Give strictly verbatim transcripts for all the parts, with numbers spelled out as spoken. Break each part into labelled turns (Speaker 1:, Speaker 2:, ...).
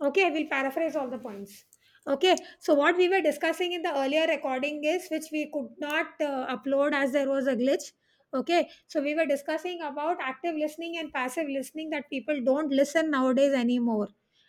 Speaker 1: Okay, I will paraphrase all the points. Okay, so what we were discussing in the earlier recording is which we could not uh, upload as there was a glitch. Okay, so we were discussing about active listening and passive listening that people don't listen nowadays anymore,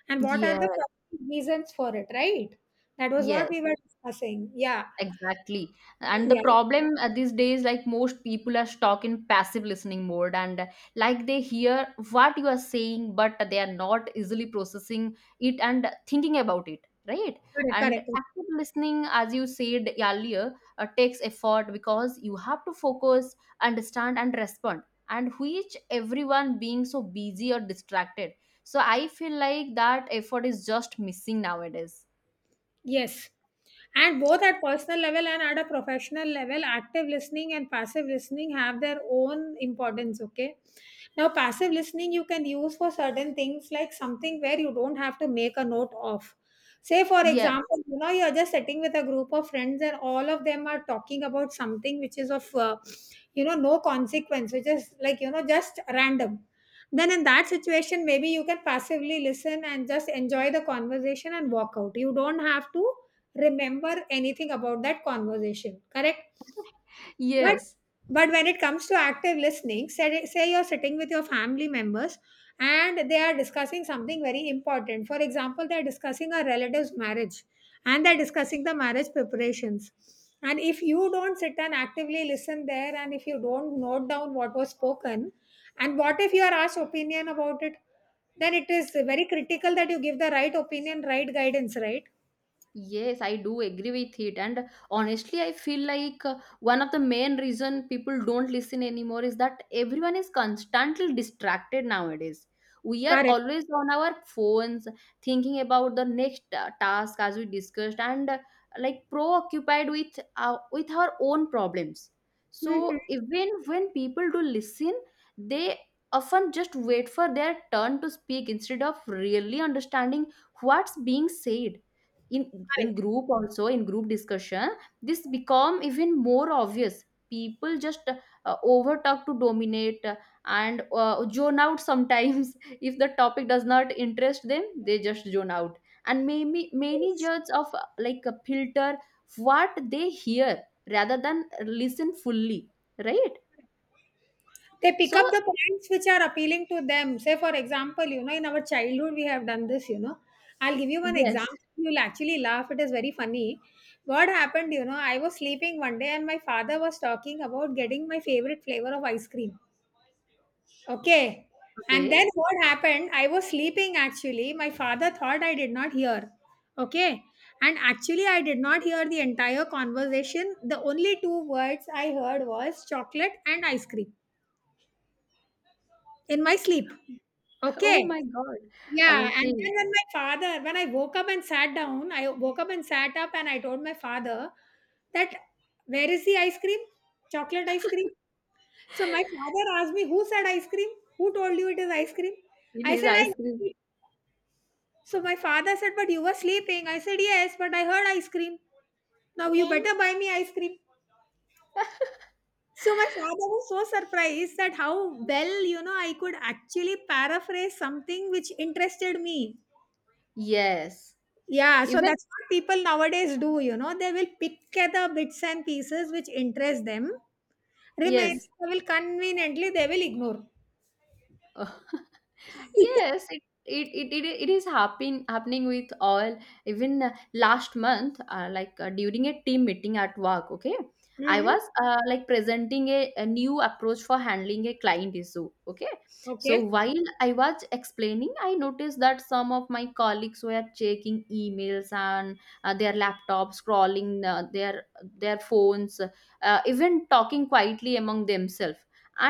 Speaker 1: and what
Speaker 2: Yeah,
Speaker 1: are the possible reasons for it, right? That was what
Speaker 2: yes,
Speaker 1: we were discussing. Yeah,
Speaker 2: exactly. And the
Speaker 1: yeah,
Speaker 2: problem uh, these days, like most people are stuck in passive listening mode, and uh, like they hear what you are saying, but they are not easily processing it and thinking about it, right?
Speaker 1: correct,
Speaker 2: And
Speaker 1: correct.
Speaker 2: active listening, as you said earlier, uh, takes effort because you have to focus, understand, and respond, and which everyone being so busy or distracted. So I feel like that effort is just missing nowadays.
Speaker 1: Yes. And both at personal level and at a professional level, active listening and passive listening have their own importance. Okay. Now, passive listening you can use for certain things like something where you don't have to make a note of. Say, for
Speaker 2: Yes.
Speaker 1: example, you know, you're just sitting with a group of friends and all of them are talking about something which is of, uh, you know, no consequence, which is like, you know, just random. Then in that situation maybe you can passively listen and just enjoy the conversation and walk out. You don't have to remember anything about that conversation, correct? But
Speaker 2: Yes.
Speaker 1: but when it comes to active listening, say, say you're sitting with your family members and they are discussing something very important. For example, they're discussing a relative's marriage and they're discussing the marriage preparations. And if you don't sit and actively listen there, and if you don't note down what was spoken, and what if you are asked opinion about it, then it is very critical that you give the right opinion, right guidance, right?
Speaker 2: Yes, I do agree with it. And honestly, I feel like uh, one of the main reason people don't listen anymore is that everyone is constantly distracted nowadays. We are
Speaker 1: Correct.
Speaker 2: always on our phones thinking about the next uh, task as we discussed and uh, like preoccupied with our, with our own problems. So
Speaker 1: Mhm.
Speaker 2: even when people do listen, they often just wait for their turn to speak instead of really understanding what's being said in in
Speaker 1: Correct.
Speaker 2: group, also in group discussion, this become even more obvious. People just uh, overtalk to dominate uh, and uh, zone out sometimes. If the topic does not interest them, they just zone out, and maybe many judge of uh, like a filter what they hear rather than listen fully, right?
Speaker 1: They pick
Speaker 2: So
Speaker 1: up the points which are appealing to them. Say, for example, you know, in our childhood, we have done this, you know. I'll give you one
Speaker 2: yes.
Speaker 1: example. You'll actually laugh. It is very funny. What happened, you know, I was sleeping one day and my father was talking about getting my favorite flavor of ice cream. Okay. And
Speaker 2: Okay.
Speaker 1: then what happened? I was sleeping actually. My father thought I did not hear. Okay. And actually, I did not hear the entire conversation. The only two words I heard was chocolate and ice cream in my sleep.
Speaker 2: Oh
Speaker 1: Okay.
Speaker 2: my god,
Speaker 1: Yeah, and
Speaker 2: okay.
Speaker 1: then when my father when I woke up and sat down, I woke up and sat up and I told my father that where is the ice cream? Chocolate ice cream? So my father asked me, who said ice cream? Who told you it is ice cream?
Speaker 2: It
Speaker 1: I
Speaker 2: is
Speaker 1: said,
Speaker 2: ice cream.
Speaker 1: I so my father said, but you were sleeping. I said, yes, but I heard ice cream. Now you better buy me ice cream. So my father was so surprised that how well, you know, I could actually paraphrase something which interested me.
Speaker 2: Yes.
Speaker 1: Yeah, so
Speaker 2: Even
Speaker 1: that's what people nowadays do, you know, they will pick at the bits and pieces which interest them.
Speaker 2: yes.
Speaker 1: Remains they will conveniently they will ignore.
Speaker 2: Yes, it it it, it, it is happen, happening with all. Even uh, last month, uh, like uh, during a team meeting at work, okay, I
Speaker 1: Hmm.
Speaker 2: was uh, like presenting a, a new approach for handling a client issue. Okay, so
Speaker 1: Okay.
Speaker 2: while I was explaining, I noticed that some of my colleagues were checking emails and uh, their laptops, scrolling uh, their their phones, uh, even talking quietly among themselves.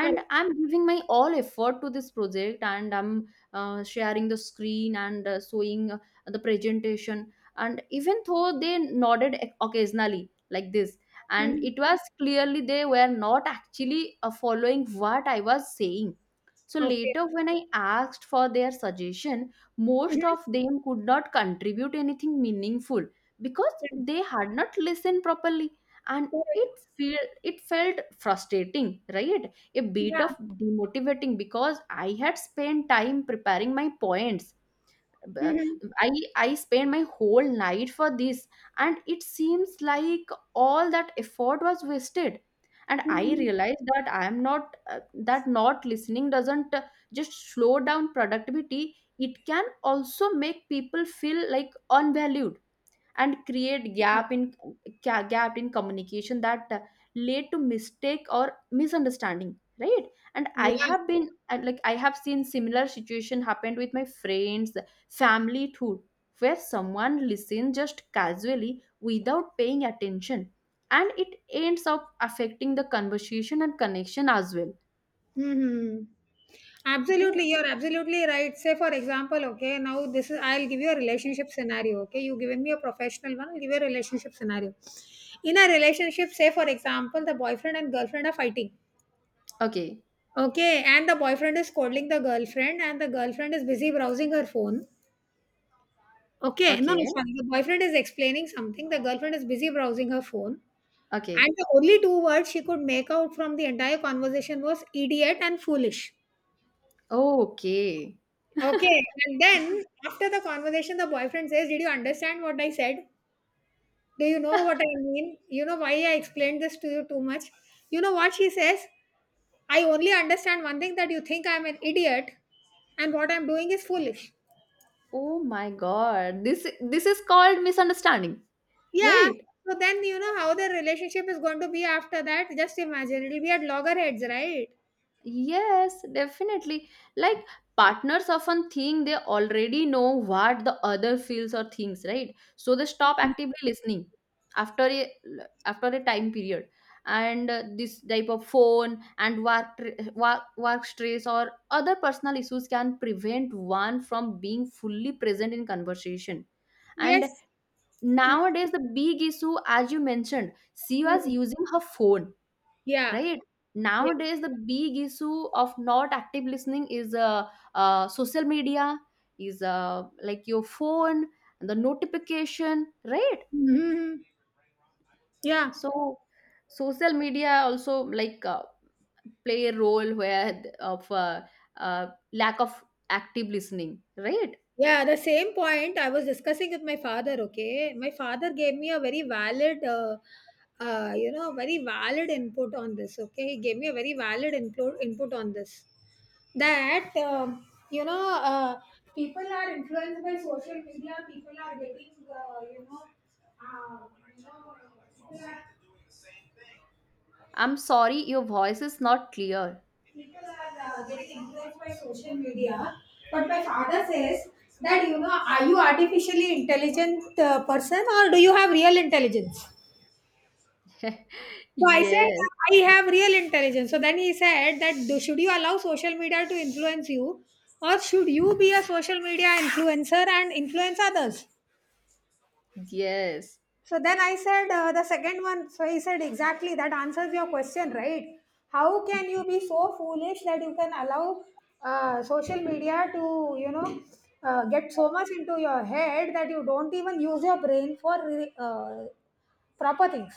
Speaker 1: Well,
Speaker 2: I'm giving my all effort to this project, and I'm uh, sharing the screen and uh, showing uh, the presentation, and even though they nodded oc- occasionally like this, and
Speaker 1: mhm.
Speaker 2: it was clearly they were not actually uh, following what I was saying. So
Speaker 1: Okay.
Speaker 2: later when I asked for their suggestion, most
Speaker 1: Mhm.
Speaker 2: of them could not contribute anything meaningful because they had not listened properly, and
Speaker 1: Correct.
Speaker 2: it feel it felt frustrating, right? A bit
Speaker 1: Yeah.
Speaker 2: of demotivating because I had spent time preparing my points. B-
Speaker 1: Mhm.
Speaker 2: I I spent my whole night for this, and it seems like all that effort was wasted. And I
Speaker 1: Mhm.
Speaker 2: realized that I am not uh, that not listening doesn't uh, just slow down productivity. It can also make people feel like unvalued and create gap in ga- gap in communication that uh, lead to mistake or misunderstanding, right? And I
Speaker 1: Yeah.
Speaker 2: have been and, like I have seen similar situation happened with my friends, family too, where someone listens just casually without paying attention, and it ends up affecting the conversation and connection as well,
Speaker 1: Hmm.
Speaker 2: right?
Speaker 1: Absolutely, you're absolutely right. Say, for example, okay, now this is I'll give you a relationship scenario. Okay, you given me a professional one, I'll give you a relationship scenario. In a relationship, say, for example, the boyfriend and girlfriend are fighting.
Speaker 2: Okay.
Speaker 1: Okay, and the boyfriend is scolding the girlfriend, and the girlfriend is busy browsing her phone. Okay, no, no,
Speaker 2: Okay.
Speaker 1: sorry. The boyfriend is explaining something, the girlfriend is busy browsing her phone,
Speaker 2: Okay.
Speaker 1: and the only two words she could make out from the entire conversation was idiot and foolish.
Speaker 2: Okay.
Speaker 1: Okay. And then after the conversation, the boyfriend says, did you understand what I said? Do you know what I mean? You know why I explained this to you too much? You know what she says? I only understand one thing, that you think I'm an idiot and what I'm doing is foolish.
Speaker 2: Oh my god, this this is called misunderstanding,
Speaker 1: Yeah.
Speaker 2: right?
Speaker 1: So then you know how the relationship is going to be after that. Just imagine, it'll be at loggerheads, right?
Speaker 2: Yes, definitely. Like partners often think they already know what the other feels or thinks, right? So they stop actively listening after a after a time period. And uh, this type of phone and work, tr- work work stress or other personal issues can prevent one from being fully present in conversation. And
Speaker 1: Yes. Mm,
Speaker 2: nowadays, the big issue, as you mentioned, she was
Speaker 1: mm.
Speaker 2: using her phone,
Speaker 1: Yeah.
Speaker 2: right?
Speaker 1: Yeah.
Speaker 2: Nowadays the big issue of not active listening is uh, uh social media, is uh like your phone and the notification, right?
Speaker 1: Mhm. Yeah.
Speaker 2: So social media also, like uh, play a role where th- of uh, uh lack of active listening, right?
Speaker 1: Yeah, the same point I was discussing with my father. Okay, my father gave me a very valid, uh, uh, you know, very valid input on this. Okay, he gave me a very valid input input on this. That um, you know, uh, people are influenced by social media. People are getting, uh, you know, uh, you know, people are
Speaker 2: I'm sorry, your voice is not clear.
Speaker 1: people are uh, getting influenced by social media, but my father says that, you know, are you artificially intelligent uh, person, or do you have real intelligence? So I said,
Speaker 2: Yes.
Speaker 1: I have real intelligence. So then he said that, do, should you allow social media to influence you, or should you be a social media influencer and influence others?
Speaker 2: Yes.
Speaker 1: So then I said uh, the second one. So he said exactly that answers your question, right? How can you be so foolish that you can allow uh, social media to, you know uh, get so much into your head that you don't even use your brain for re- uh, proper things?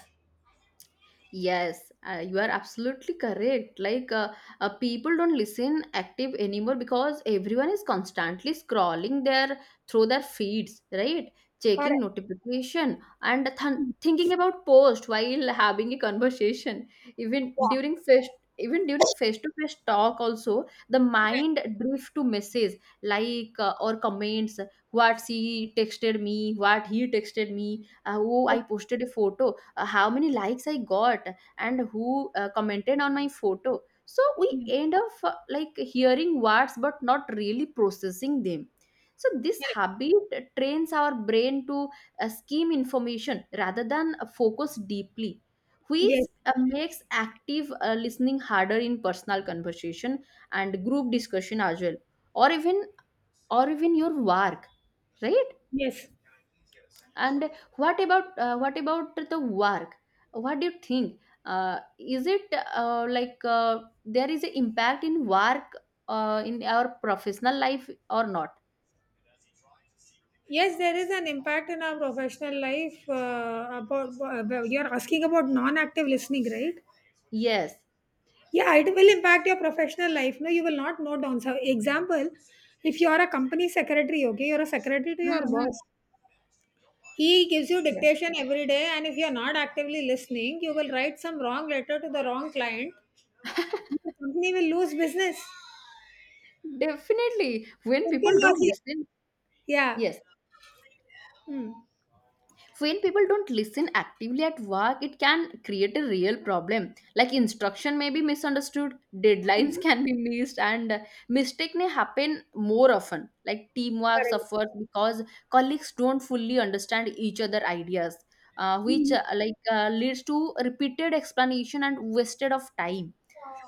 Speaker 2: Yes, uh, you are absolutely correct. Like, uh, uh, people don't listen active anymore because everyone is constantly scrolling their through their feeds, right? Checking
Speaker 1: Correct.
Speaker 2: notification and th- thinking about post while having a conversation. Even during face, even during face-to-face talk, also the mind drift to messages like uh, or comments. What she texted me, what he texted me. Uh, oh, I posted a photo, uh, how many likes I got, and who uh, commented on my photo. So we end up uh, like hearing words but not really processing them. So this
Speaker 1: Correct.
Speaker 2: habit trains our brain to uh, skim information rather than uh, focus deeply, which
Speaker 1: Yes.
Speaker 2: uh, makes active uh, listening harder in personal conversation and group discussion as well, or even or even your work, right?
Speaker 1: Yes.
Speaker 2: And what about uh, what about the work? What do you think? Uh, is it uh, like uh, there is an impact in work uh, in our professional life or not?
Speaker 1: Yes, there is an impact in our professional life. Uh, about uh, you're asking about non-active listening, right?
Speaker 2: Yes.
Speaker 1: Yeah, it will impact your professional life. No, you will not note down. So, example, if you are a company secretary, okay, you're a secretary to your
Speaker 2: Mhm.
Speaker 1: boss. He gives you
Speaker 2: Yes.
Speaker 1: dictation every day, and if you're not actively listening, you will write some wrong letter to the wrong client. The company will lose business.
Speaker 2: Definitely. When
Speaker 1: Simple
Speaker 2: people don't
Speaker 1: logic.
Speaker 2: listen,
Speaker 1: Yeah.
Speaker 2: yes.
Speaker 1: Hmm.
Speaker 2: When people don't listen actively at work, it can create a real problem. Like instruction may be misunderstood, deadlines can be missed, and uh, mistake may happen more often. Like teamwork
Speaker 1: Correct.
Speaker 2: suffers because colleagues don't fully understand each other ideas, uh, which uh, like uh, leads to repeated explanation and wasted of time,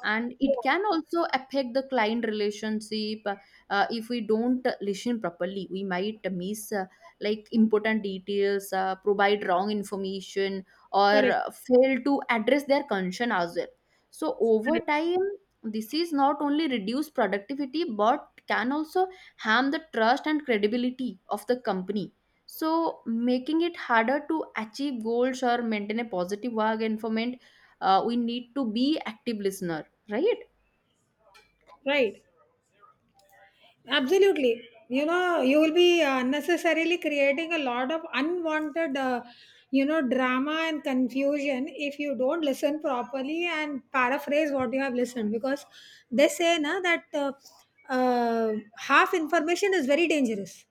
Speaker 2: and it
Speaker 1: Yeah.
Speaker 2: can also affect the client relationship. uh, if we don't listen properly, we might miss uh, like important details, uh, provide wrong information or
Speaker 1: Correct.
Speaker 2: uh, fail to address their concern as well. So over
Speaker 1: Correct.
Speaker 2: time, this is not only reduce productivity but can also harm the trust and credibility of the company, so making it harder to achieve goals or maintain a positive work environment. uh, we need to be active listener. Right?
Speaker 1: Right. Absolutely. You know, you will be uh, unnecessarily creating a lot of unwanted, uh, you know, drama and confusion if you don't listen properly and paraphrase what you have listened. Because they say na, that uh, uh, half information is very dangerous.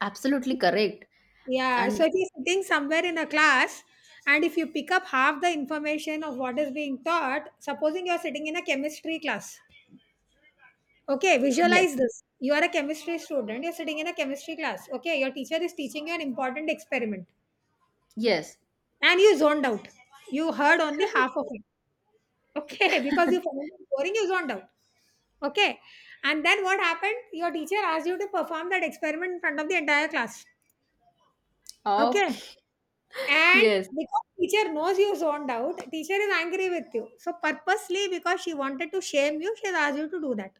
Speaker 2: Absolutely correct.
Speaker 1: Yeah. So
Speaker 2: And
Speaker 1: if you're sitting somewhere in a class, and if you pick up half the information of what is being taught, supposing you're sitting in a chemistry class. Okay,
Speaker 2: yes,
Speaker 1: visualize this. You are a chemistry student, you're sitting in a chemistry class. Okay, your teacher is teaching you an important experiment
Speaker 2: yes.
Speaker 1: and you zoned out. You heard only half of it. Okay, because you found it boring, you zoned out. Okay, and then what happened? Your teacher asked you to perform that experiment in front of the entire class. Okay,
Speaker 2: Okay.
Speaker 1: and
Speaker 2: Yes.
Speaker 1: because teacher knows you zoned out, teacher is angry with you. So, purposely, because she wanted to shame you, she has asked you to do that.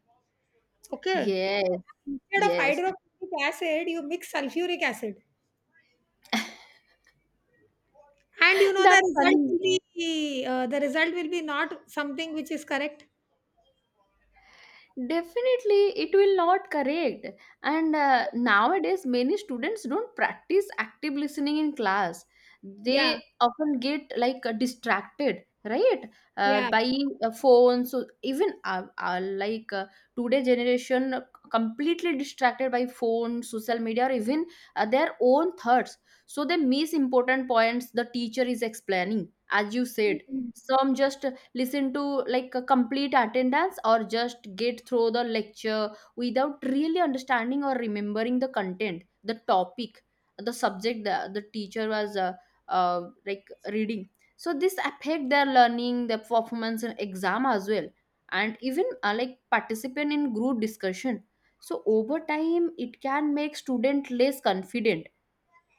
Speaker 1: Okay.
Speaker 2: Yes.
Speaker 1: Instead of
Speaker 2: Yes.
Speaker 1: hydrochloric acid, you mix sulfuric acid, and you know the
Speaker 2: That's
Speaker 1: result will
Speaker 2: funny.
Speaker 1: be uh, the result will be not something which is correct.
Speaker 2: Definitely, it will not correct. And uh, nowadays, many students don't practice active listening in class.
Speaker 1: Yeah,
Speaker 2: They often get like uh, distracted, right? Uh,
Speaker 1: yeah,
Speaker 2: by uh, phones, so even uh, uh, like uh, today generation uh, completely distracted by phone, social media, or even uh, their own thoughts. So they miss important points the teacher is explaining, as you said.
Speaker 1: mm,
Speaker 2: Some just listen to like a complete attendance or just get through the lecture without really understanding or remembering the content, the topic, the subject, the, the teacher was uh, uh, like reading. So this affect their learning, their performance in exam as well, and even uh, like participant in group discussion. So over time it can make student less confident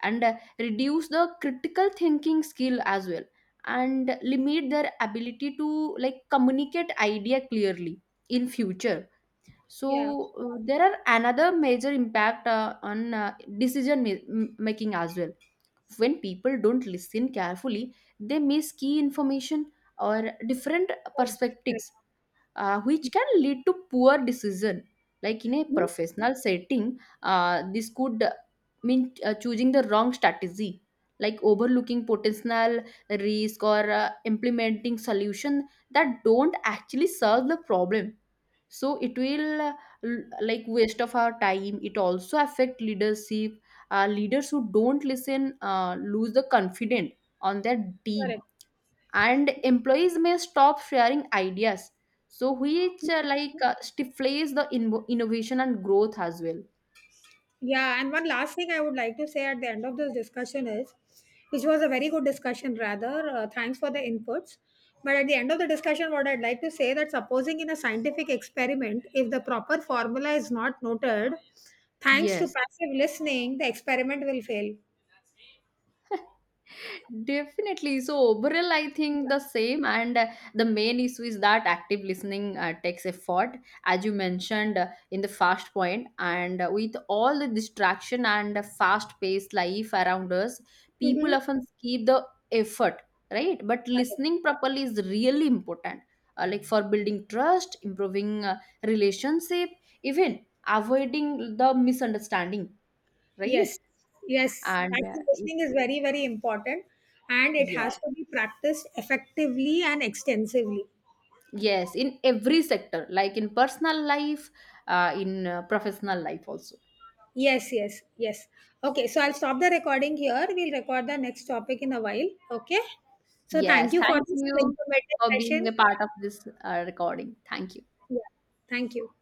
Speaker 2: and uh, reduce the critical thinking skill as well, and limit their ability to like communicate idea clearly in future.
Speaker 1: yeah.
Speaker 2: So uh, there are another major impact uh, on uh, decision ma- m- making as well. When people don't listen carefully, they miss key information or different
Speaker 1: Correct, correct,
Speaker 2: perspectives, uh, which can lead to poor decision. Like in a
Speaker 1: mhm,
Speaker 2: professional setting, uh, this could mean uh, choosing the wrong strategy, like overlooking potential risk or uh, implementing solution that don't actually solve the problem. So it will uh, l- like waste of our time. It also affect leadership. uh, leaders who don't listen uh, lose the confidence on their team,
Speaker 1: correct.
Speaker 2: and employees may stop sharing ideas, so which uh, like uh, stifles the invo- innovation and growth as well.
Speaker 1: Yeah, and one last thing I would like to say at the end of this discussion is, which was a very good discussion, rather. Uh, thanks for the inputs. But at the end of the discussion, what I'd like to say, that supposing in a scientific experiment, if the proper formula is not noted, thanks to
Speaker 2: Yes.
Speaker 1: passive listening, the experiment will fail.
Speaker 2: Definitely. So overall, I think the same, and uh, the main issue is that active listening uh, takes effort, as you mentioned uh, in the first point. And uh, with all the distraction and uh, fast-paced life around us,
Speaker 1: Mm-hmm.
Speaker 2: people often skip the effort, right? But listening properly is really important, uh, like for building trust, improving uh, relationship, even avoiding the misunderstanding, right?
Speaker 1: Yes, yes.
Speaker 2: And uh,
Speaker 1: Active listening is very, very important, and it has
Speaker 2: yes.
Speaker 1: to be practiced effectively and extensively.
Speaker 2: Yes, in every sector, like in personal life, uh, in uh, professional life also.
Speaker 1: Yes, yes, yes. Okay, so I'll stop the recording here. We'll record the next topic in a while. Okay. So thank
Speaker 2: Yes,
Speaker 1: you for
Speaker 2: thank
Speaker 1: this
Speaker 2: you
Speaker 1: informative
Speaker 2: for being a
Speaker 1: session.
Speaker 2: part of this uh, recording. Thank you.
Speaker 1: Yeah. Thank you.